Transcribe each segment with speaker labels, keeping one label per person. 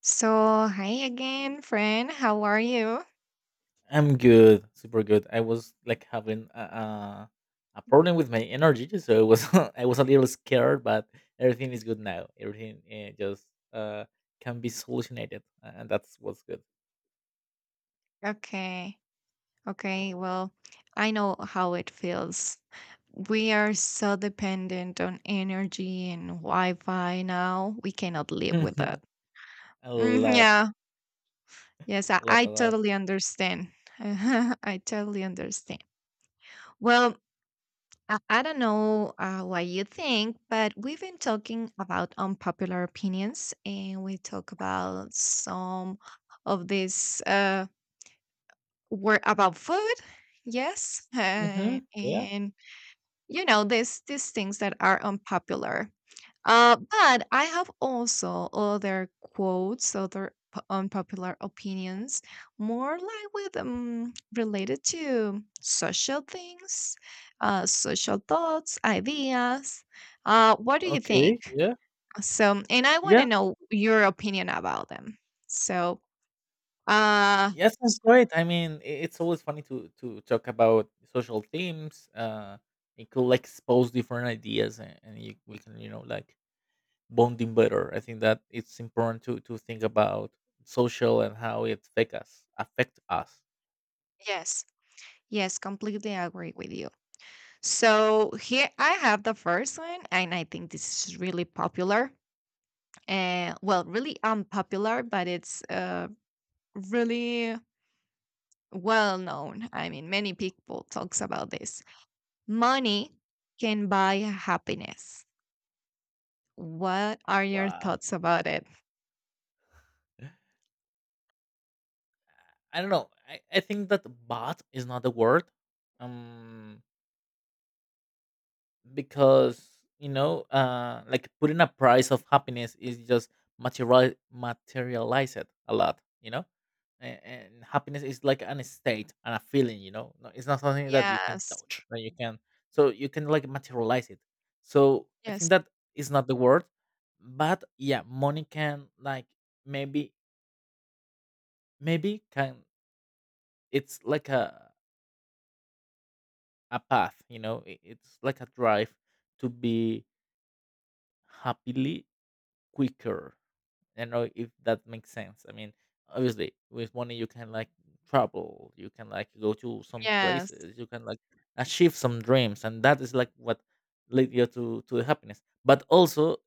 Speaker 1: So, hi again, friend. How are you?
Speaker 2: I'm good, super good. I was like having a problem with my energy, so it was I was a little scared, but everything is good now. Everything just uh, can be solutionated, and that's what's good.
Speaker 1: Okay. Okay. Well, I know how it feels. We are so dependent on energy and Wi Fi now. We cannot live with that.
Speaker 2: a
Speaker 1: Mm,
Speaker 2: lot,
Speaker 1: yeah. Yes, I, I
Speaker 2: a lot.
Speaker 1: totally understand. I totally understand. Well, I don't know what you think, but we've been talking about unpopular opinions and we talk about some of these. Were about food. Yes,
Speaker 2: Yeah.
Speaker 1: and you know these things that are unpopular. But I have also other quotes, unpopular opinions, more like with related to social things, social thoughts, ideas. What do you think?
Speaker 2: Okay. Yeah.
Speaker 1: So, and I want to
Speaker 2: Yeah.
Speaker 1: know your opinion about them. So, uh,
Speaker 2: Yeah. Sounds great. It's always funny to talk about social themes. It could like expose different ideas, and we can like bonding better. I think that it's important to think about social and how it affect us.
Speaker 1: yes, yes, completely agree with you. So here I have the first one, and I think this is really popular. Well, really unpopular, but it's really well known. I mean, many people talks about this. Money can buy happiness. What are your
Speaker 2: Wow.
Speaker 1: thoughts about it?
Speaker 2: I don't know. I think that bot is not the word. Um because like putting a price of happiness is just materialized a lot, you know. And happiness is like an state and a feeling, you know? No, it's not something that you can
Speaker 1: Yes,
Speaker 2: touch, that you can so you can like materialize it, so I think
Speaker 1: yes,
Speaker 2: that is not the word. But yeah, money can like maybe maybe can. It's like a path, you know? It's like a drive to be happily quicker. I don't know if that makes sense. I mean, obviously, with money you can like travel, you can like go to some
Speaker 1: yes,
Speaker 2: places, you can like achieve some dreams, and that is like what lead you to the happiness. But also,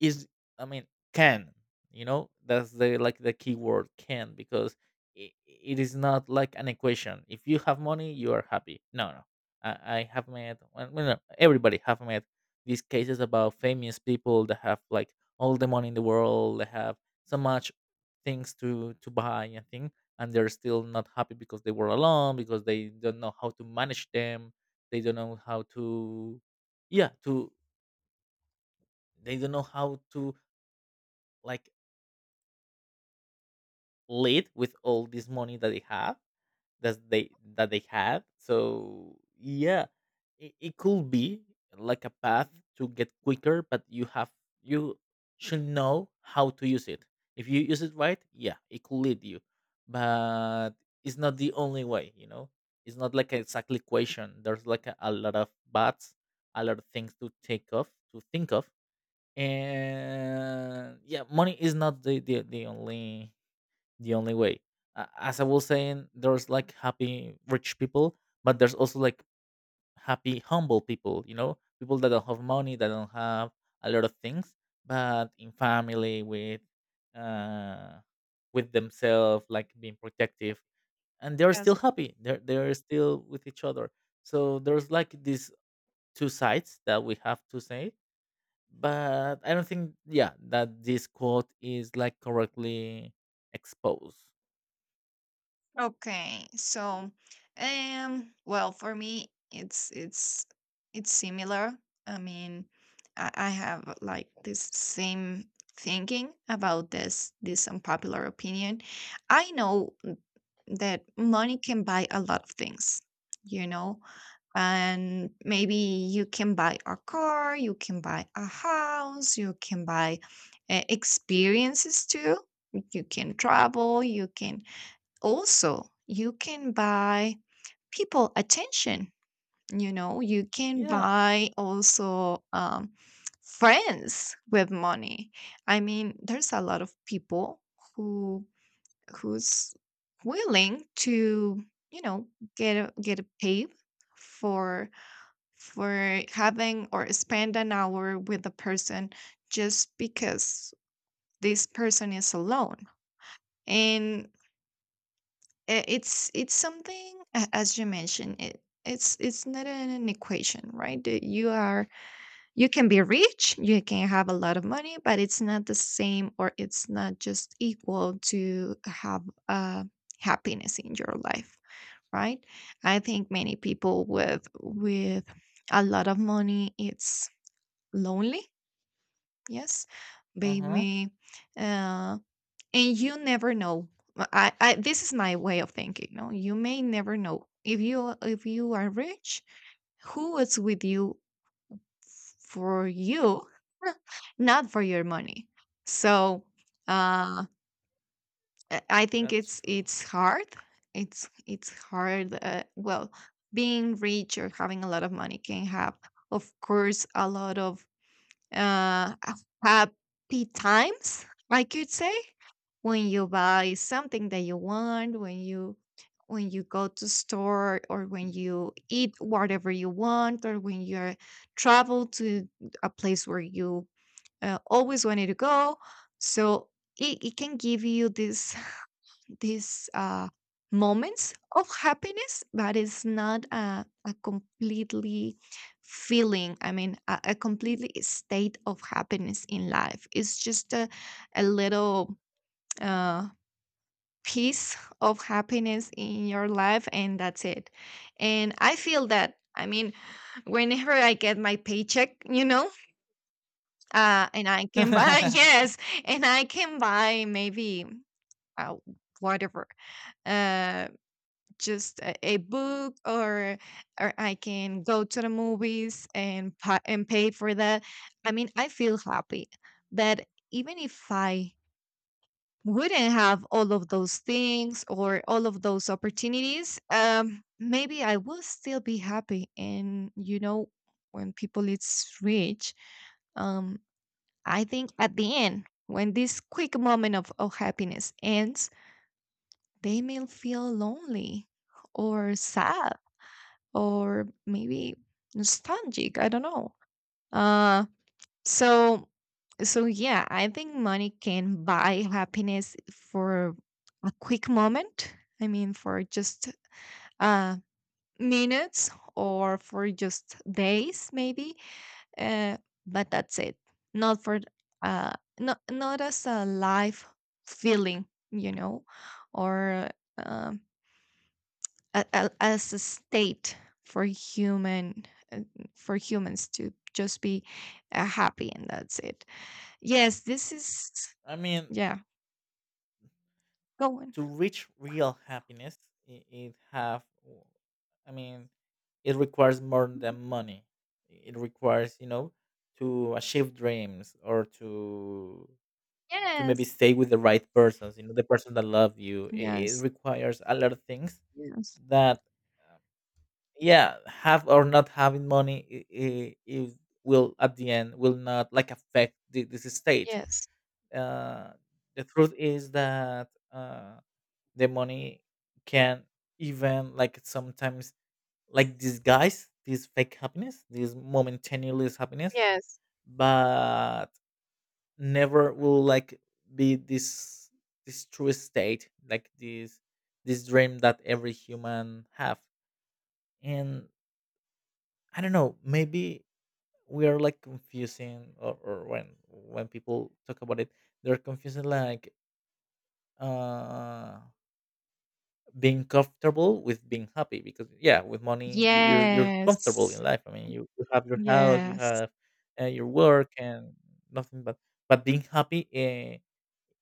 Speaker 2: is, I mean, can, you know, that's the like the key word, can, because it is not like an equation. If you have money, you are happy. No, no, I, I have met, no, everybody have met these cases about famous people that have like all the money in the world, they have so much things to buy and thing, and they're still not happy because they were alone, because they don't know how to manage them, they don't know how to, yeah, to, they don't know how to like lead with all this money that they have, that they had. So yeah, it could be like a path to get quicker, but you have you should know how to use it. If you use it right, yeah, it could lead you, but it's not the only way. You know, it's not like an exact equation. There's like a lot of buts, a lot of things to take off, to think of, and yeah, money is not the only way. As I was saying, there's like happy rich people, but there's also like happy humble people. You know, people that don't have money, that don't have a lot of things, but in family uh, with themselves, like being protective, and they're
Speaker 1: yes.
Speaker 2: still happy. They're still with each other. So there's like these two sides that we have to say. But I don't think, yeah, that this quote is like correctly exposed.
Speaker 1: Okay, so well, for me it's similar. I mean, I have like this same thinking about this unpopular opinion. I know that money can buy a lot of things, you know, and maybe you can buy a car, you can buy a house, you can buy experiences too. You can travel, you can also, you can buy people attention. You know, you can
Speaker 2: Yeah.
Speaker 1: buy also friends with money. I mean, there's a lot of people who who's willing to you know get get a pay for for having or spend an hour with a person just because this person is alone and it's something as you mentioned it's not an equation, right? That you are you can be rich, you can have a lot of money, but it's not the same, or it's not just equal to have happiness in your life, right? I think many people with a lot of money, it's lonely, yes,
Speaker 2: Uh huh.
Speaker 1: maybe, uh, and you never know. I this is my way of thinking, no. You may never know if you are rich, who is with you, for you, not for your money. So uh I think
Speaker 2: That's
Speaker 1: it's
Speaker 2: true.
Speaker 1: hard, it's hard. Well, being rich or having a lot of money can have, of course, a lot of uh happy times, I could say. When you buy something that you want, when you go to store, or when you eat whatever you want, or when you travel to a place where you always wanted to go. So it can give you this this moments of happiness, but it's not a completely feeling. I mean, a completely state of happiness in life. It's just a little. Uh, Piece of happiness in your life, and that's it. And I feel that, I mean, whenever I get my paycheck, you know, and I can buy
Speaker 2: I
Speaker 1: yes, and I can buy maybe uh, whatever, uh just a book, or I can go to the movies and and pay for that. I mean, I feel happy, but even if I wouldn't have all of those things or all of those opportunities, maybe I will still be happy. And you know, when people it's rich, um, I think at the end, when this quick moment of happiness ends, they may feel lonely or sad or maybe nostalgic. I don't know. Uh, so so yeah, I think money can buy happiness for a quick moment. I mean, for just uh minutes or for just days maybe. Uh but that's it. Not for uh not, not as a life feeling, you know, or um as a state for human, uh, for humans to just be happy, and that's it. Yes, this is
Speaker 2: mean,
Speaker 1: yeah, go on.
Speaker 2: to reach real happiness, it have. I mean, it requires more than money. It requires, you know, to achieve dreams or to maybe
Speaker 1: Yes.
Speaker 2: stay with the right persons. You know, the person that love you. It
Speaker 1: Yes,
Speaker 2: requires a lot of things
Speaker 1: yes.
Speaker 2: that, uh, yeah, have or not having money, it will at the end will not like affect this stage.
Speaker 1: Yes.
Speaker 2: uh, the truth is that the money can even like sometimes like disguise this fake happiness, this momentaneous happiness,
Speaker 1: Yes.
Speaker 2: but never will like be this this true state, like this dream that every human have. And I don't know, maybe we are like confusing, or when people talk about it they're confusing like uh being comfortable with being happy, because yeah, with money you're comfortable
Speaker 1: Yes.
Speaker 2: in life. I mean, you have your house, you
Speaker 1: Yes.
Speaker 2: have your work and nothing. But but being happy,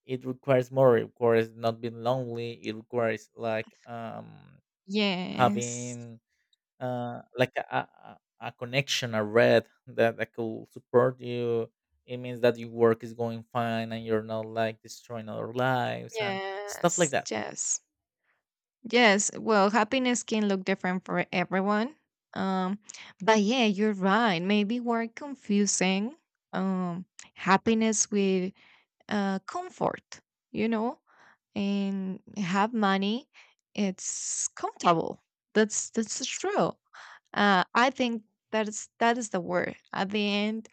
Speaker 2: it requires more, it requires not being lonely, it requires like
Speaker 1: Yes.
Speaker 2: having like a connection, a red that that could support you. It means that your work is going fine and you're not like destroying other lives and stuff like
Speaker 1: Yes.
Speaker 2: that.
Speaker 1: Yes. Yes. Well, happiness can look different for everyone. Um, but yeah, you're right. Maybe we're confusing um happiness with comfort, you know? And have money, it's comfortable. That's true. I think that is the word. At the end,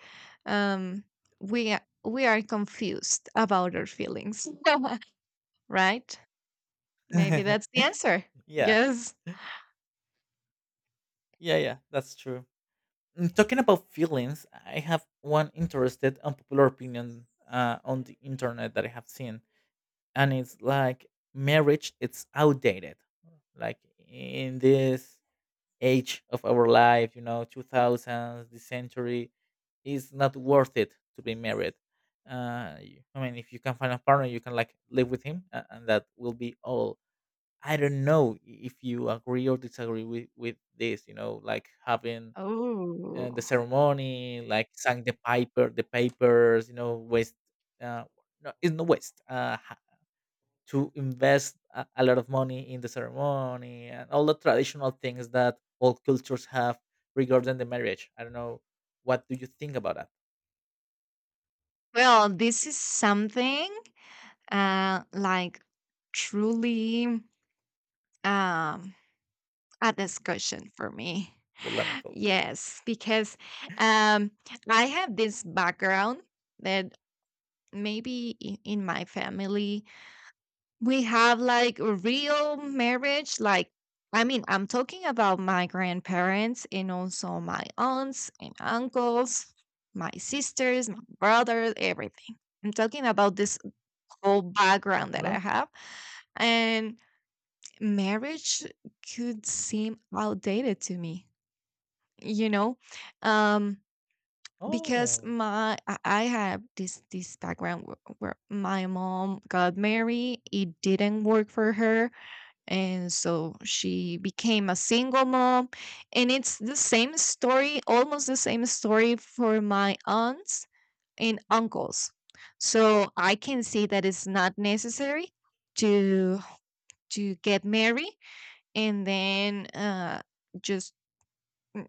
Speaker 1: um, we are confused about our feelings, right? Maybe that's the answer.
Speaker 2: Yeah.
Speaker 1: Yes.
Speaker 2: Yeah, yeah, that's true. Mm, talking about feelings, I have one interested unpopular opinion on the internet that I have seen, and it's like marriage. It's outdated. Like in this age of our life, you know, two thousands, the century, it's not worth it to be married. I mean, if you can find a partner, you can like live with him, and that will be all. I don't know if you agree or disagree with this. You know, like having and the
Speaker 1: Oh.
Speaker 2: ceremony, like sang the piper, the papers, you know, waste. Uh, no, it's no waste. To invest a lot of money in the ceremony and all the traditional things that all cultures have regarding the marriage. I don't know. What do you think about that?
Speaker 1: Well, this is something like truly um, a discussion for me.
Speaker 2: Polemical?
Speaker 1: Yes, because um, I have this background that maybe in my family we have like a real marriage. Like, I mean, I'm talking about my grandparents, and also my aunts and uncles, my sisters, my brothers, everything. I'm talking about this whole
Speaker 2: Uh
Speaker 1: background that
Speaker 2: huh.
Speaker 1: I have. And marriage could seem outdated to me, you know, um, because
Speaker 2: Oh.
Speaker 1: my I have this background where my mom got married, it didn't work for her, and so she became a single mom. And it's the same story, almost the same story, for my aunts and uncles. So I can see that it's not necessary to to get married, and then just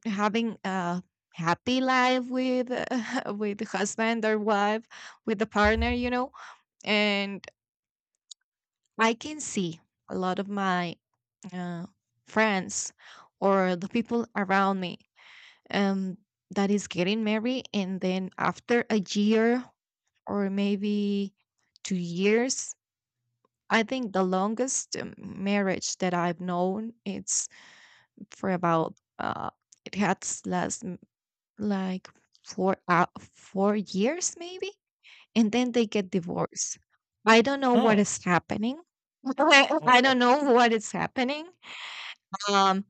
Speaker 1: having a happy life with with husband or wife, with the partner, you know. And I can see a lot of my uh, friends or the people around me, um, that is getting married, and then after a year or maybe 2 years. I think the longest marriage that I've known, it's for about uh it has last like 4 years maybe, and then they get divorced. I don't know
Speaker 2: Huh.
Speaker 1: what is happening.
Speaker 2: Oh
Speaker 1: I
Speaker 2: yeah.
Speaker 1: don't know what is happening, um.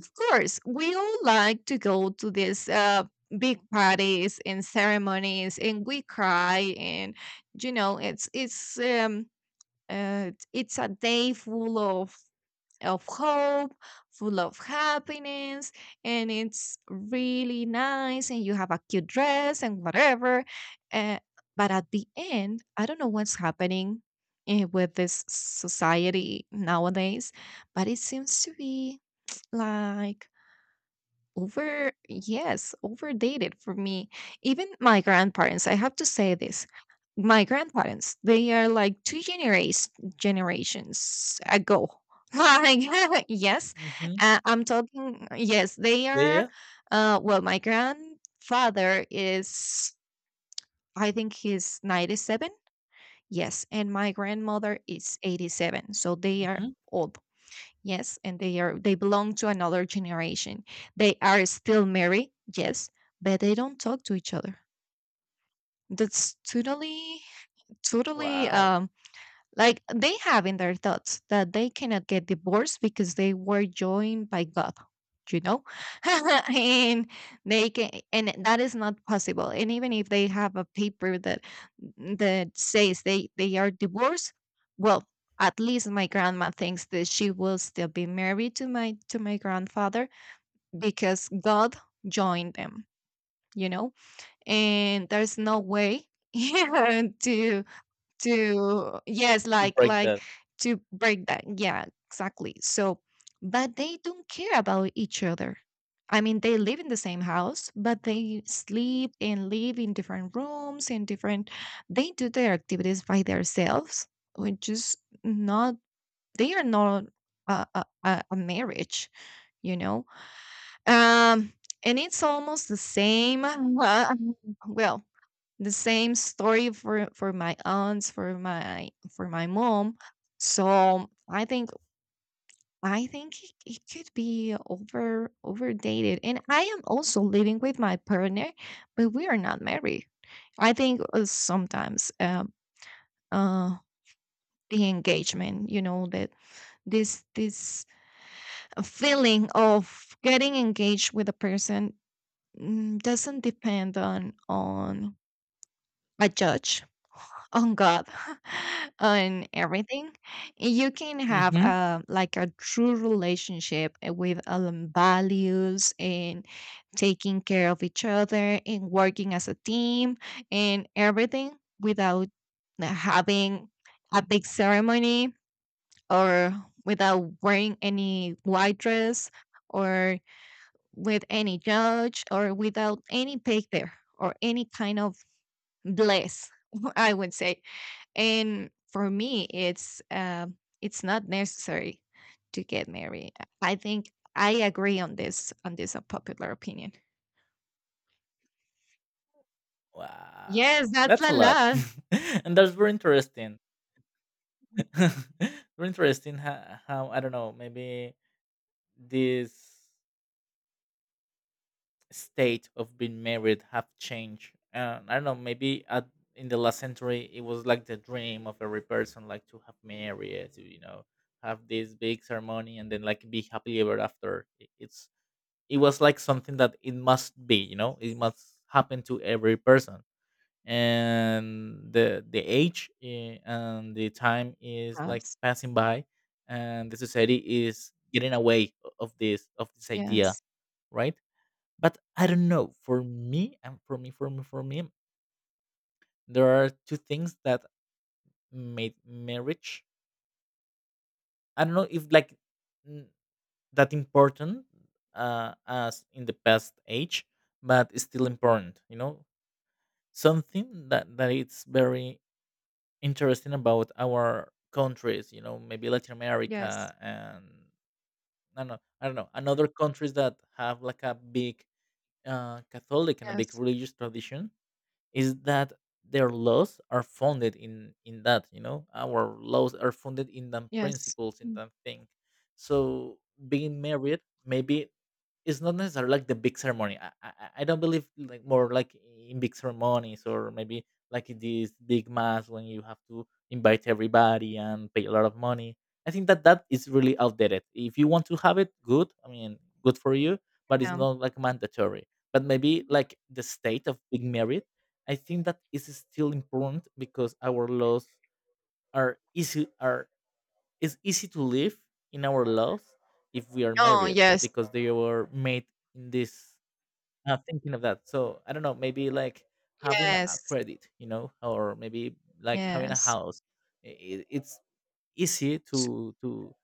Speaker 1: Of course, we all like to go to these big parties and ceremonies, and we cry, and you know, it's um, it's a day full of hope, full of happiness, and it's really nice, and you have a cute dress and whatever. Uh, but at the end, I don't know what's happening, with this society nowadays, but it seems to be like over, yes, overdated for me. Even my grandparents, I have to say this. My grandparents, they are like two generations ago. Like yes,
Speaker 2: Mm-hmm.
Speaker 1: I'm talking. Yes, they
Speaker 2: Yeah.
Speaker 1: are.
Speaker 2: Yeah.
Speaker 1: Well, my grandfather is, I think he's 97. Yes, and my grandmother is 87. So they are
Speaker 2: Mm-hmm.
Speaker 1: old. Yes, and they are they belong to another generation. They are still married, yes, but they don't talk to each other. That's totally totally
Speaker 2: Wow.
Speaker 1: um, like they have in their thoughts that they cannot get divorced because they were joined by God, you know? And they can, and that is not possible. And even if they have a paper that that says they are divorced, well, at least my grandma thinks that she will still be married to my grandfather because God joined them, you know? And there's no way to to yes
Speaker 2: You break
Speaker 1: like
Speaker 2: that.
Speaker 1: to break that, yeah, exactly. So but they don't care about each other. I mean, they live in the same house, but they sleep and live in different rooms, and different they do their activities by themselves, which is not they are not a marriage, you know, um. And it's almost the same well, the same story for my aunts, for my mom. So I think it, it could be over overdated. And I am also living with my partner, but we are not married. I think sometimes uh the engagement, you know, that this feeling of getting engaged with a person, mm, doesn't depend on a judge, on God, on everything. You can have
Speaker 2: Mm-hmm.
Speaker 1: like a true relationship with values and taking care of each other and working as a team and everything without having a big ceremony or without wearing any white dress, or with any judge, or without any paper or any kind of bliss, I would say. And for me, it's not necessary to get married. I think I agree on this unpopular opinion. Yes,
Speaker 2: Wow.
Speaker 1: that's
Speaker 2: That's a
Speaker 1: a
Speaker 2: lot,
Speaker 1: lot.
Speaker 2: and that's very interesting. Very interesting how I don't know, maybe this state of being married have changed. I don't know, maybe at, in the last century it was like the dream of every person, like to have married, to you know have this big ceremony and then like be happily ever after. It's, it was like something that it must be, you know, it must happen to every person. And the age, and the time is like
Speaker 1: Yes,
Speaker 2: passing by and the society is getting away of this idea,
Speaker 1: yes,
Speaker 2: right? But I don't know, for me and for me there are two things that made marriage, I don't know if like n- that important, as in the past age, but it's still important, you know, something that it's very interesting about our countries, you know, maybe Latin
Speaker 1: yes,
Speaker 2: America and I don't know, I don't know another countries that have like a big Catholic and a big
Speaker 1: yes,
Speaker 2: religious tradition is that their laws are founded in that, you know, our laws are founded in them
Speaker 1: yes.
Speaker 2: principles in
Speaker 1: Mm.
Speaker 2: that thing. So being married, maybe it's not necessarily like the big ceremony, I don't believe like more like in big ceremonies, or maybe like in this big mass when you have to invite everybody and pay a lot of money. I think that that is really outdated. If you want to have it, good, I mean, good for you, but it's
Speaker 1: Yeah.
Speaker 2: not like mandatory. But maybe like the state of being married, I think that is still important because our laws are easy, are, it's easy to live in our laws if we are
Speaker 1: Oh,
Speaker 2: married,
Speaker 1: yes,
Speaker 2: because they were made in this thinking of that. So I don't know, maybe like having a
Speaker 1: yes,
Speaker 2: credit, you know, or maybe like having a
Speaker 1: yes,
Speaker 2: house. It's easy
Speaker 1: s-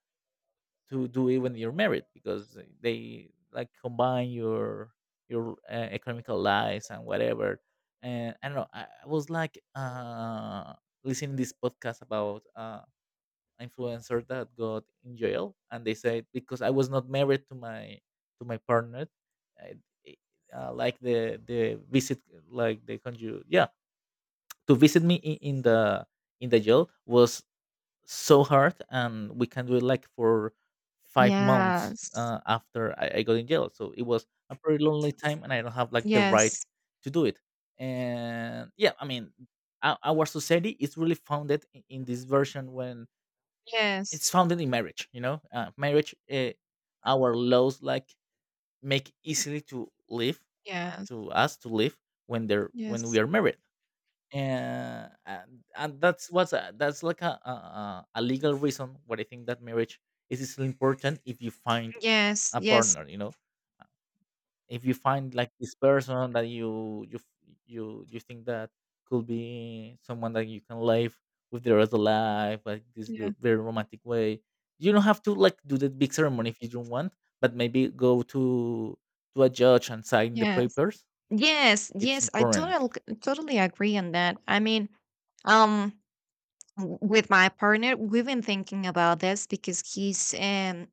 Speaker 2: to do it when you're married because they like combine your economical lives and whatever. And I don't know. I was like listening this podcast about influencer that got in jail, and they said because I was not married to my partner, I, like the visit, like the conju, yeah, to visit me in the jail was so hard, and we can do it like for 5 months
Speaker 1: yes,
Speaker 2: after I got in jail, so it was a pretty lonely time, and I don't have like the right
Speaker 1: yes,
Speaker 2: to do it. And yeah, I mean, our society is really founded in this version when
Speaker 1: yes,
Speaker 2: it's founded in marriage, you know. Marriage Our laws like make easily to live
Speaker 1: yes,
Speaker 2: to us to live when they're when we
Speaker 1: yes,
Speaker 2: are married, and that's that's like a a legal reason what I think, that marriage is still important if you find
Speaker 1: yes,
Speaker 2: a
Speaker 1: yes,
Speaker 2: partner. You know, if you find like this person that you f- you think that could be someone that you can live with the rest of life, like this
Speaker 1: yeah,
Speaker 2: very romantic way. You don't have to like do the big ceremony if you don't want, but maybe go to a judge and sign the
Speaker 1: yes.
Speaker 2: papers.
Speaker 1: Yes,
Speaker 2: It's
Speaker 1: yes, I
Speaker 2: important.
Speaker 1: totally totally agree on that. I mean, um, with my partner, we've been thinking about this because he's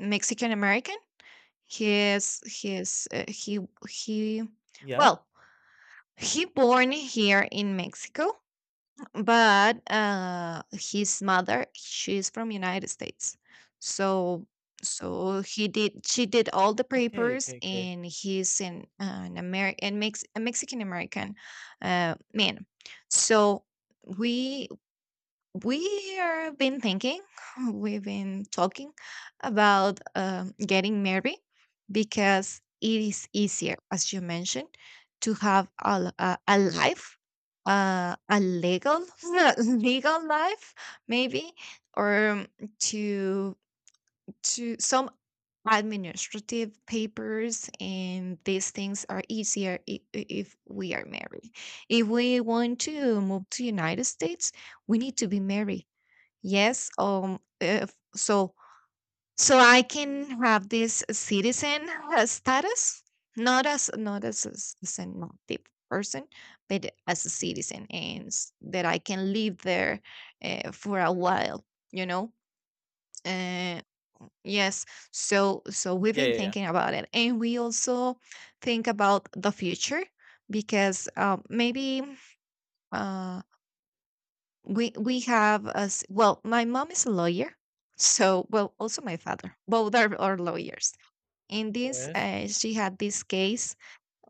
Speaker 1: Mexican American. He he is he
Speaker 2: Yeah.
Speaker 1: well, he born here in Mexico, but, his mother, she's from United States. So so he did she did all the
Speaker 2: Okay.
Speaker 1: papers,
Speaker 2: Okay. Okay.
Speaker 1: and he's an American, Mex a Mexican American, man. So we we have been thinking, we've been talking about getting married because it is easier, as you mentioned, to have a life, a legal legal life, maybe, or to some administrative papers and these things are easier if we are married. If we want to move to United States, we need to be married. Yes. If, so so I can have this citizen status, not as a citizen, not the person, but as a citizen, and that I can live there for a while. You know. Uh, yes. So we've
Speaker 2: Yeah.
Speaker 1: been
Speaker 2: Yeah.
Speaker 1: thinking about it, and we also think about the future because maybe. Uh, we have as well, my mom is a lawyer, so well, also my father. Are lawyers. In this,
Speaker 2: Yes.
Speaker 1: she had this case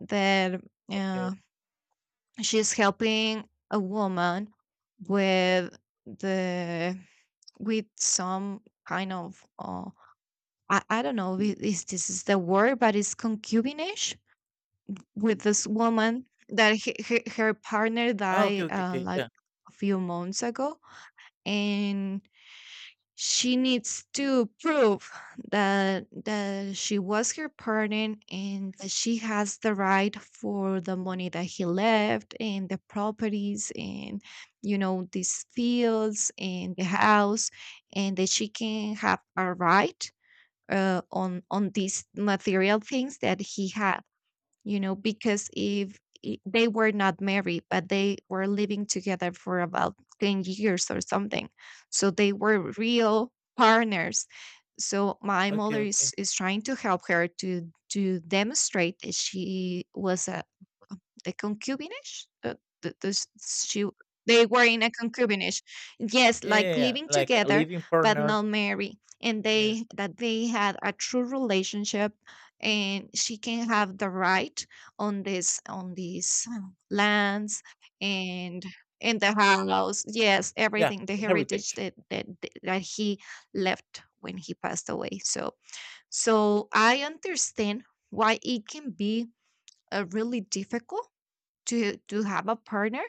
Speaker 1: that
Speaker 2: Okay.
Speaker 1: uh, she's helping a woman with the with some kind of I don't know if this is the word, but it's concubinage with this woman that her partner
Speaker 2: Oh, okay,
Speaker 1: died
Speaker 2: okay, okay.
Speaker 1: like
Speaker 2: Yeah.
Speaker 1: a few months ago, and she needs to prove that she was her parent and that she has the right for the money that he left and the properties and you know these fields and the house and that she can have a right on these material things that he had, you know, because if I- they were not married, but they were living together for about 10 years or something. So they were real partners. So my
Speaker 2: Okay,
Speaker 1: mother
Speaker 2: okay.
Speaker 1: is trying to help her to demonstrate that she was a the concubinage. Uh, th- this- she they were in a concubinage, yes,
Speaker 2: Yeah,
Speaker 1: like
Speaker 2: yeah, yeah,
Speaker 1: living
Speaker 2: like a
Speaker 1: together
Speaker 2: living
Speaker 1: but
Speaker 2: partner.
Speaker 1: not married, and
Speaker 2: Yeah.
Speaker 1: they that they had a true relationship, and she can have the right on these lands and in the house, yes,
Speaker 2: Yeah.
Speaker 1: everything, the heritage
Speaker 2: Heritage.
Speaker 1: that that he left when he passed away. So, so I understand why it can be really difficult to have a partner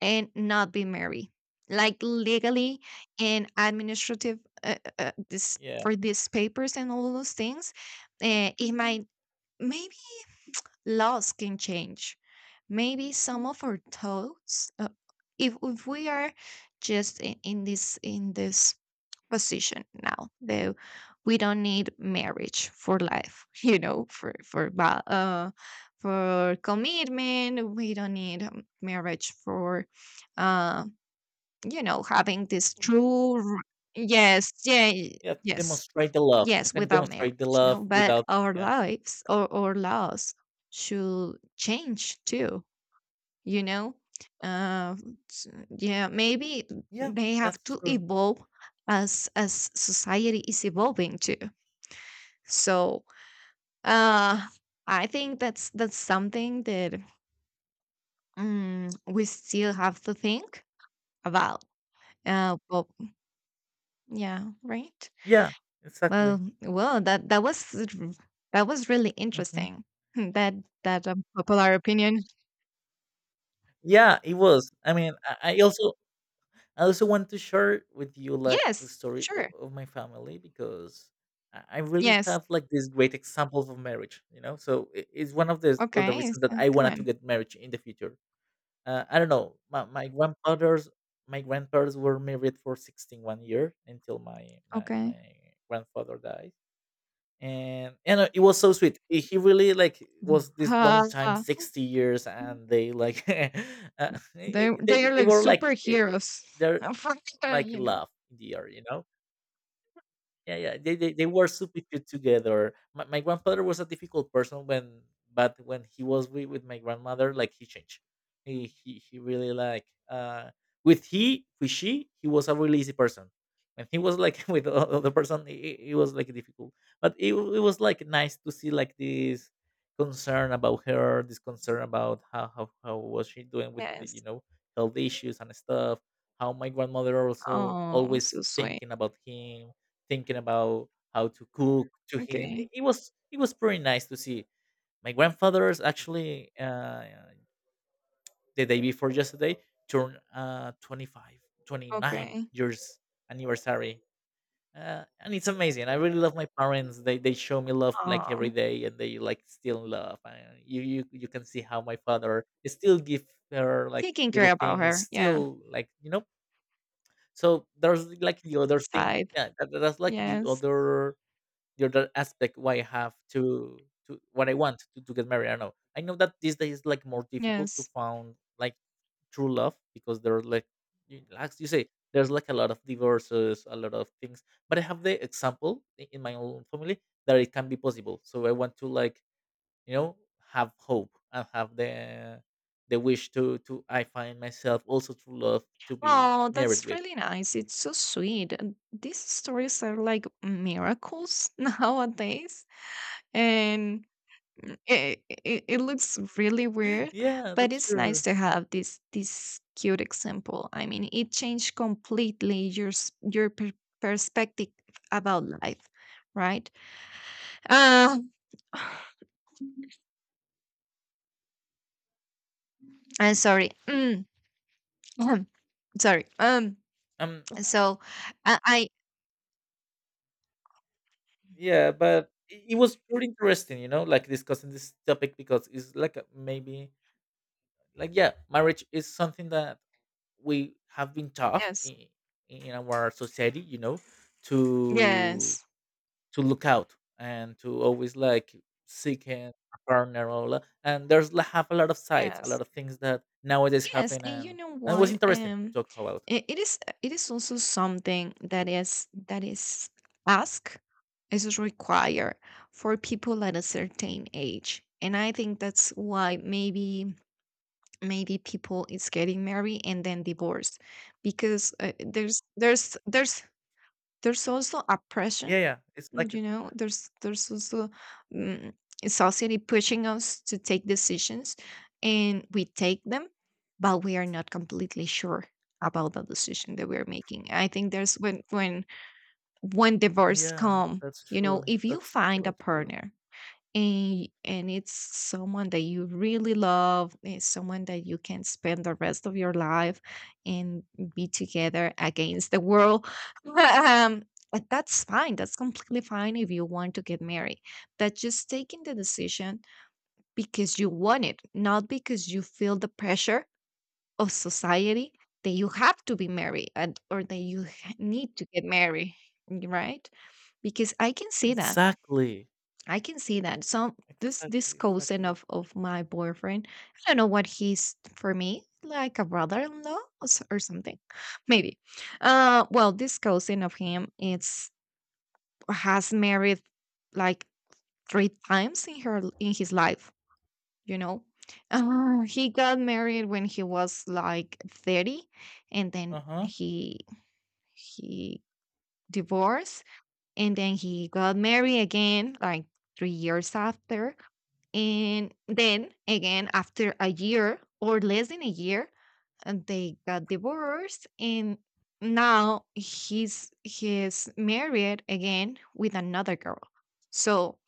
Speaker 1: and not be married, like legally and administrative. This
Speaker 2: Yeah.
Speaker 1: for these papers and all those things, it might, maybe laws can change. Maybe some of our thoughts, if we are just in this position now, though we don't need marriage for life, you know, for commitment we don't need marriage for uh you know having this true yes, yeah,
Speaker 2: Yeah. To
Speaker 1: yes.
Speaker 2: demonstrate the love. You
Speaker 1: Yes,
Speaker 2: can
Speaker 1: without marriage,
Speaker 2: demonstrate the
Speaker 1: no,
Speaker 2: love
Speaker 1: but
Speaker 2: without.
Speaker 1: our
Speaker 2: Yeah.
Speaker 1: lives or our laws should change too, you know. uh s- yeah, maybe
Speaker 2: Yeah.
Speaker 1: they have
Speaker 2: That's
Speaker 1: to
Speaker 2: true.
Speaker 1: evolve as society is evolving too. So uh I think that's something that, mm, we still have to think about. uh well yeah right.
Speaker 2: Yeah. Exactly.
Speaker 1: Well, well, that was really
Speaker 2: Hmm.
Speaker 1: interesting. Hmm, that, that popular opinion.
Speaker 2: Yeah. It was. I mean, I also want to share with you like the
Speaker 1: Yes,
Speaker 2: story
Speaker 1: sure.
Speaker 2: of my family because I really
Speaker 1: Yes,
Speaker 2: have like this great example of marriage. You know, so it's one of the
Speaker 1: okay,
Speaker 2: reasons that
Speaker 1: so
Speaker 2: I
Speaker 1: come
Speaker 2: wanted to
Speaker 1: on.
Speaker 2: get marriage in the future. I don't know. My grandfathers, my grandparents were married for 16 1 year until my my
Speaker 1: Okay.
Speaker 2: my grandfather died. And it was so sweet. He really like was this long
Speaker 1: Ah,
Speaker 2: time, 60 years, and they like
Speaker 1: they
Speaker 2: they,
Speaker 1: are
Speaker 2: they
Speaker 1: like
Speaker 2: were like eh, eh,
Speaker 1: superheroes.
Speaker 2: they're
Speaker 1: For-
Speaker 2: like
Speaker 1: you know.
Speaker 2: love in the air. Yeah, yeah. They were super cute together. My grandfather was a difficult person when, but when he was with my grandmother, like he changed. He really like uh with he with she he was a really easy person. When he was like with the other person, it was like difficult. But it was like nice to see like this concern about her, this concern about how how was she doing with the, you
Speaker 1: Yes.
Speaker 2: know health issues and stuff. How my grandmother also
Speaker 1: Oh,
Speaker 2: always
Speaker 1: so sweet.
Speaker 2: thinking about him, thinking about how to cook to him. It,
Speaker 1: Okay.
Speaker 2: it was it was pretty nice to see. My grandfather's actually the day before yesterday turned twenty-nine
Speaker 1: Okay.
Speaker 2: years anniversary. And it's amazing. I really love my parents. They show me love like every
Speaker 1: Oh,
Speaker 2: day, and they like still love. And you can see how my father still give her like
Speaker 1: taking
Speaker 2: little
Speaker 1: care about
Speaker 2: things,
Speaker 1: her. Yeah.
Speaker 2: still like you know. So there's like the other thing.
Speaker 1: Side.
Speaker 2: Yeah, that's like the
Speaker 1: Yes.
Speaker 2: other, the other aspect why I have to what I want to get married. I don't know. I know that these days like more difficult to
Speaker 1: Yes.
Speaker 2: find like true love because there are like you say there's like a lot of divorces, a lot of things. But I have the example in my own family that it can be possible. So I want to like, you know, have hope and have the wish to I find myself also true love to be
Speaker 1: Oh,
Speaker 2: married
Speaker 1: that's
Speaker 2: with.
Speaker 1: really nice. It's so sweet. And these stories are like miracles nowadays, and mm, it looks really weird,
Speaker 2: yeah,
Speaker 1: but
Speaker 2: that's
Speaker 1: it's nice
Speaker 2: true.
Speaker 1: to have this cute example. I mean, it changed completely your your perspective about life, right? Um, I'm sorry. Mm, sorry.
Speaker 2: Um,
Speaker 1: So, I
Speaker 2: Yeah, but it was pretty interesting, you know, like discussing this topic because it's like maybe like, yeah, marriage is something that we have been taught
Speaker 1: yes,
Speaker 2: in our society, you know, to
Speaker 1: yes,
Speaker 2: to look out and to always like seek a partner or and there's like have a lot of sides, a lot
Speaker 1: yes.
Speaker 2: of things that nowadays
Speaker 1: Yes,
Speaker 2: happen
Speaker 1: and you know
Speaker 2: and it was
Speaker 1: what?
Speaker 2: interesting to talk about.
Speaker 1: It is also something that is asked, is required for people at a certain age, and I think that's why maybe maybe people is getting married and then divorced because there's also oppression
Speaker 2: Yeah, yeah, it's
Speaker 1: and,
Speaker 2: like
Speaker 1: you know, there's also, mm, society pushing us to take decisions, and we take them, but we are not completely sure about the decision that we're making. I think there's when divorce
Speaker 2: yeah,
Speaker 1: come,
Speaker 2: that's
Speaker 1: you know,
Speaker 2: true.
Speaker 1: if you
Speaker 2: That's
Speaker 1: find a
Speaker 2: totally true.
Speaker 1: partner and it's someone that you really love, it's someone that you can spend the rest of your life and be together against the world. um but that's fine. That's completely fine if you want to get married. That's just taking the decision because you want it, not because you feel the pressure of society, that you have to be married, and, or that you need to get married, right? Because I can see that,
Speaker 2: Exactly.
Speaker 1: I can see that. Some, this
Speaker 2: Exactly,
Speaker 1: cousin
Speaker 2: exactly.
Speaker 1: of my boyfriend, I don't know what he's for me, like a brother-in-law or, or something, maybe. Well, this cousin of him, it's has married like three times in her in his life. You know, he got married when he was like 30, and then
Speaker 2: Uh-huh.
Speaker 1: he divorced, and then he got married again like 3 years after, and then again after a year or less than a year, and they got divorced, and now he's married again with another girl. So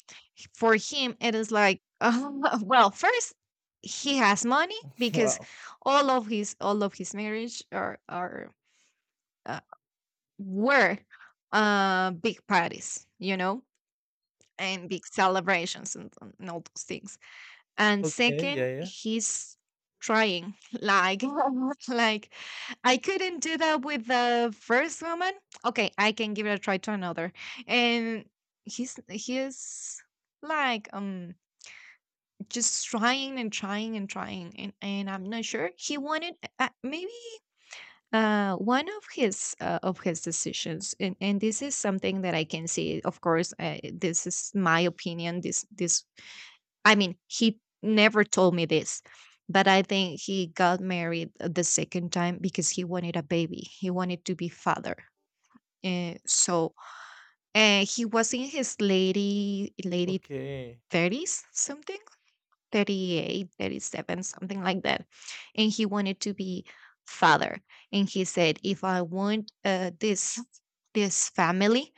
Speaker 1: for him it is like well, first, he has money because
Speaker 2: Wow.
Speaker 1: all of his, all of his marriage are uh, were big parties, you know, and big celebrations, and all those things. And
Speaker 2: Okay,
Speaker 1: second,
Speaker 2: yeah, yeah.
Speaker 1: he's trying, like like, I couldn't do that with the first woman, okay, I can give it a try to another. And he's like, um, just trying and trying and trying, and I'm not sure he wanted, maybe one of his decisions. And this is something that I can see, of course. Uh, this is my opinion. This I mean, he never told me this, but I think he got married the second time because he wanted a baby. He wanted to be father. So he was in his lady
Speaker 2: Okay.
Speaker 1: 30s, something, 38, 37, something like that. And he wanted to be father. And he said, if I want, this this family,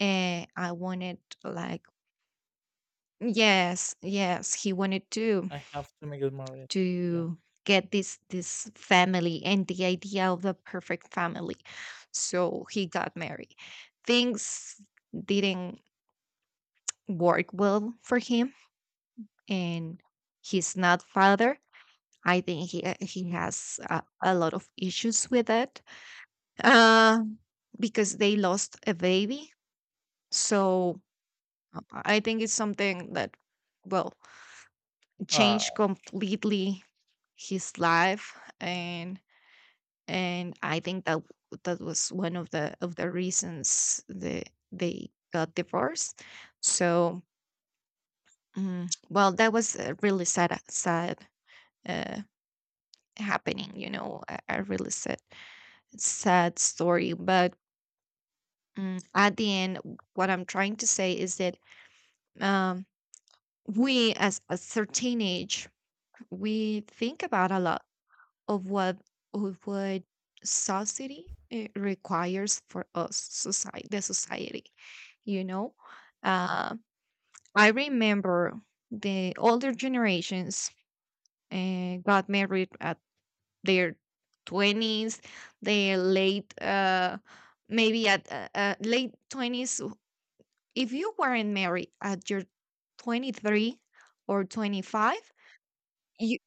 Speaker 1: I wanted like, yes, yes, he wanted
Speaker 2: I have to make it more real. Yeah.
Speaker 1: to get this this family and the idea of the perfect family. So he got married, things didn't work well for him, and he's not father. I think he has a lot of issues with it, uh, because they lost a baby. So I think it's something that, well,
Speaker 2: Uh
Speaker 1: changed completely his life, and I think that that was one of the reasons that they got divorced. So, mm, well, that was a really sad, sad, uh, happening. You know, a really sad, sad story. But, mm, at the end, what I'm trying to say is that, um, we as our teenage, we think about a lot of what of what society requires for us. Society The society, you know, uh, I remember the older generations got married at their 20s, their late maybe at late 20s. If you weren't married at your 23 or 25, you,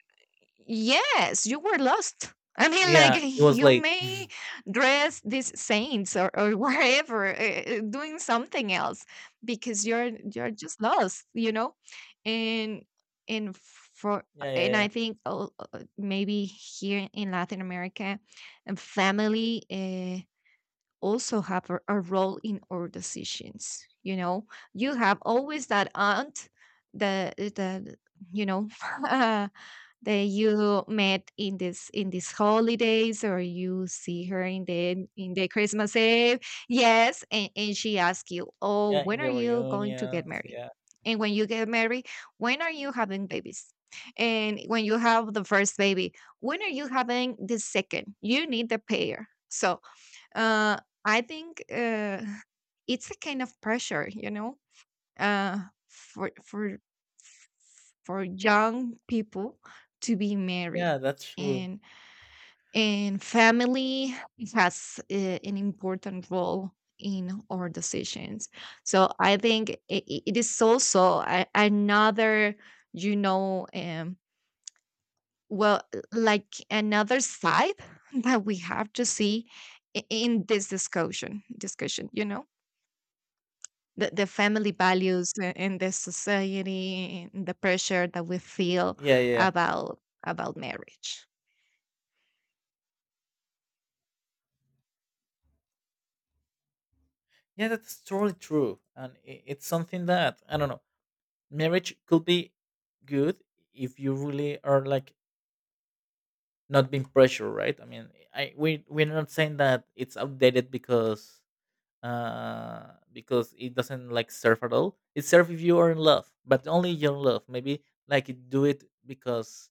Speaker 1: yes, you were lost. I mean, like
Speaker 2: yeah, it was
Speaker 1: you
Speaker 2: late.
Speaker 1: may dress these saints or whatever, doing something else, because you're just lost, you know. And and for,
Speaker 2: Yeah, yeah,
Speaker 1: and
Speaker 2: yeah.
Speaker 1: I think oh, maybe here in Latin America, and family also have a role in our decisions. You know, you have always that aunt, the, you know. That you met in this, in these holidays, or you see her in the Christmas eve. Yes, and she asks you, oh,
Speaker 2: Yeah, in
Speaker 1: when are
Speaker 2: the
Speaker 1: you going to get
Speaker 2: reunions.
Speaker 1: married,
Speaker 2: Yeah.
Speaker 1: and when you get married, when are you having babies, and when you have the first baby, when are you having the second, you need the pair. So uh I think it's a kind of pressure, you know, uh, for for for young people to be married.
Speaker 2: Yeah, that's true.
Speaker 1: and and family has, an important role in our decisions. So I think it, it is also a, another, you know, um, well, like another side that we have to see in this discussion, you know, the family values in the society and the pressure that we feel
Speaker 2: Yeah, yeah. Yeah,
Speaker 1: about about marriage.
Speaker 2: yeah, that's totally true. And I it's something that I don't know. Marriage could be good if you really are like not being pressured, right? I mean, I we're not saying that it's outdated because it doesn't like serve at all. It serves if you are in love, but only your love. Maybe like it do it because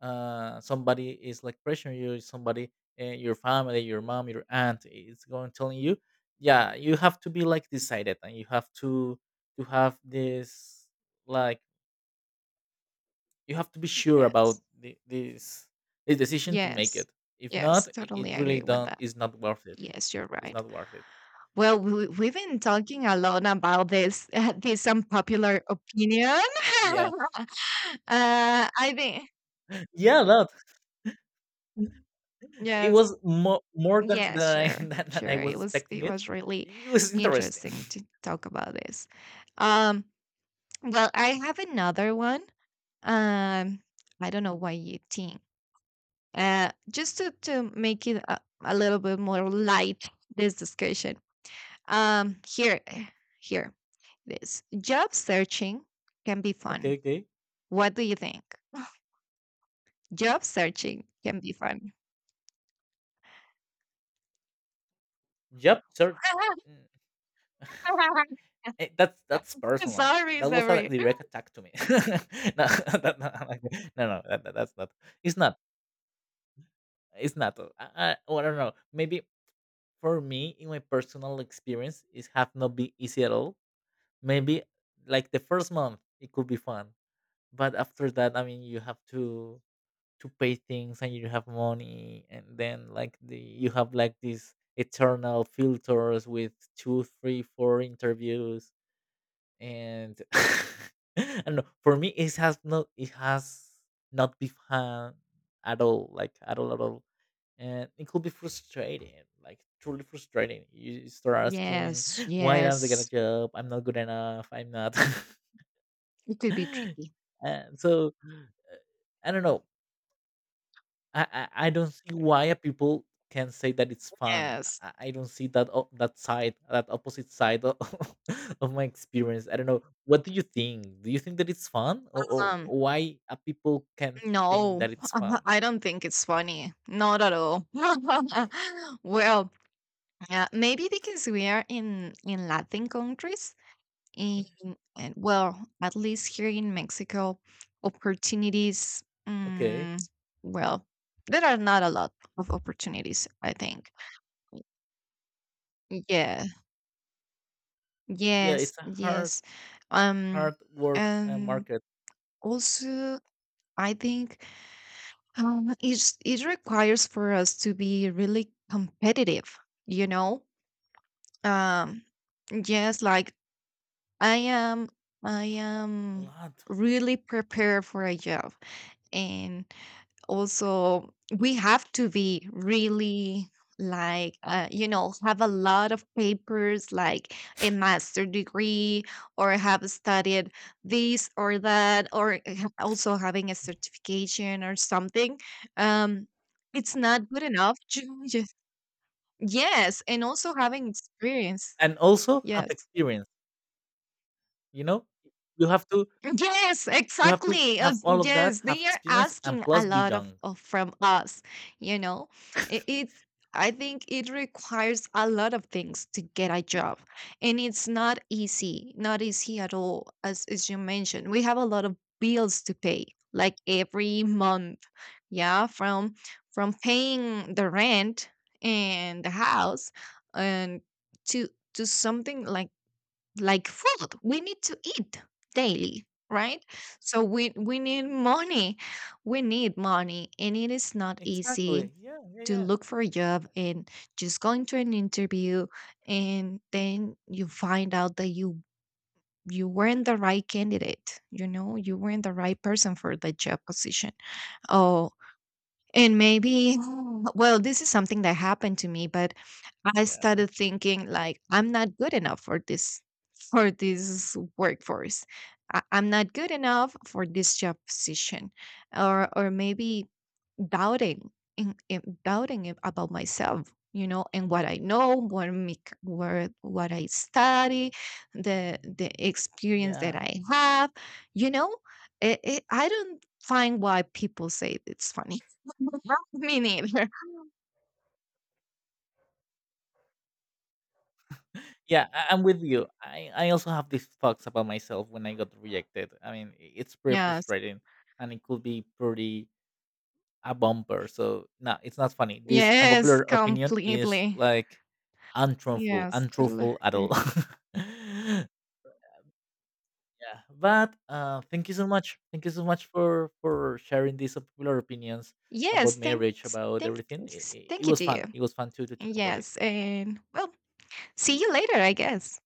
Speaker 2: somebody is like pressuring you, somebody, your family, your mom, your aunt is going telling you, yeah, you have to be like decided, and you have to have this like, you have to be sure about
Speaker 1: Yes,
Speaker 2: this this decision to make
Speaker 1: yes,
Speaker 2: it. If not,
Speaker 1: yes,
Speaker 2: it
Speaker 1: totally
Speaker 2: really
Speaker 1: agree with
Speaker 2: don't
Speaker 1: that.
Speaker 2: is not worth it.
Speaker 1: Yes, you're
Speaker 2: It's
Speaker 1: right.
Speaker 2: not worth it.
Speaker 1: Well, we've been talking a lot about this, this unpopular opinion.
Speaker 2: Yeah,
Speaker 1: I think
Speaker 2: yeah, that. It
Speaker 1: yes
Speaker 2: was more
Speaker 1: Yeah,
Speaker 2: than I
Speaker 1: sure,
Speaker 2: than I
Speaker 1: sure.
Speaker 2: was
Speaker 1: It was,
Speaker 2: expecting
Speaker 1: it
Speaker 2: it.
Speaker 1: was really
Speaker 2: It was interesting.
Speaker 1: interesting to talk about this. Um, well, I have another one. Um, I don't know what you think. Just to make it a little bit more light, this discussion. Here, here, this job searching can be fun.
Speaker 2: Okay, okay.
Speaker 1: What do you think? Job searching can be fun.
Speaker 2: Yep, sir. Mm, that's personal.
Speaker 1: Sorry,
Speaker 2: That was a
Speaker 1: sorry.
Speaker 2: direct attack to me. no, no, I'm like, no, no, that, that's not. It's not. It's not. I, well, I don't know. Maybe for me, in my personal experience, it have not been easy at all. Maybe like the first month, it could be fun, but after that, I mean, you have to pay things and you have money and then like the you have like these eternal filters with 2, 3, 4 interviews and I don't know. For me, it has not been fun at all, like at all, and it could be frustrating, like truly frustrating. You start asking,
Speaker 1: Yes,
Speaker 2: "Why did I not get a
Speaker 1: yes,
Speaker 2: job? I'm not good enough. I'm not."
Speaker 1: it could be
Speaker 2: and
Speaker 1: tricky.
Speaker 2: so uh, I don't know. I don't see why a people can say that it's fun.
Speaker 1: Yes.
Speaker 2: I don't see that o that side, that opposite side of, of my experience. I don't know. What do you think? Do you think that it's fun, or
Speaker 1: Um,
Speaker 2: why a people can think
Speaker 1: no,
Speaker 2: that it's fun?
Speaker 1: I don't think it's funny. Not at all. Well, yeah, maybe because we are in Latin countries, in, and well, at least here in Mexico, opportunities.
Speaker 2: Okay,
Speaker 1: Well, there are not a lot of opportunities, I think. Yeah.
Speaker 2: yeah,
Speaker 1: Yes.
Speaker 2: it's a
Speaker 1: Yes. Um.
Speaker 2: hard work
Speaker 1: And
Speaker 2: market.
Speaker 1: also, I think, um, it's, it requires for us to be really competitive, you know? Um, yes, like I am, I
Speaker 2: A
Speaker 1: am
Speaker 2: lot,
Speaker 1: really prepared for a job, and also we have to be really like, you know, have a lot of papers, like a master degree, or have studied this or that, or also having a certification or something. Um, it's not good enough to just, yes, and also having experience.
Speaker 2: and also have
Speaker 1: Yes.
Speaker 2: experience. You know, you have to
Speaker 1: Yes,
Speaker 2: you have to
Speaker 1: exactly.
Speaker 2: have
Speaker 1: Yes,
Speaker 2: all of that,
Speaker 1: yes,
Speaker 2: have
Speaker 1: they are
Speaker 2: experience, and
Speaker 1: asking a
Speaker 2: plus be
Speaker 1: lot
Speaker 2: young.
Speaker 1: of from us, you know. It, it's, I think it requires a lot of things to get a job. And it's not easy, not easy at all, as you mentioned. We have a lot of bills to pay, like every month. Yeah, from paying the rent and the house, and to to something like food. We need to eat daily, right? So we need money. We need money, and it is not easy
Speaker 2: Exactly. Yeah. Yeah.
Speaker 1: to
Speaker 2: Yeah.
Speaker 1: look for a job and just going to an interview, and then you find out that you weren't the right candidate, you know, you weren't the right person for the job position. Oh, and maybe, well, this is something that happened to me, but I
Speaker 2: Yeah.
Speaker 1: started thinking, like, I'm not good enough for this, for this workforce. I, I'm not good enough for this job position, or maybe doubting in doubting about myself. You know, and what I know, what make, what I study, the experience that
Speaker 2: Yeah.
Speaker 1: I have. You know, it, I don't find why people say it's funny. Me neither.
Speaker 2: Yeah, I'm with you. I also have these thoughts about myself when I got rejected. I mean, it's pretty
Speaker 1: Yes,
Speaker 2: frustrating and it could be pretty a bumper. So, no, it's not funny. This
Speaker 1: yes,
Speaker 2: unpopular opinion is
Speaker 1: completely.
Speaker 2: like untruthful,
Speaker 1: Yes, totally
Speaker 2: untruthful at all.
Speaker 1: agree.
Speaker 2: yeah, but thank you so much. Thank you so much for sharing these unpopular opinions
Speaker 1: Yes,
Speaker 2: about marriage,
Speaker 1: thanks,
Speaker 2: about everything. It
Speaker 1: thank you
Speaker 2: was
Speaker 1: to
Speaker 2: fun.
Speaker 1: you.
Speaker 2: It was fun too to talk about it.
Speaker 1: Yes, and well, see you later, I guess.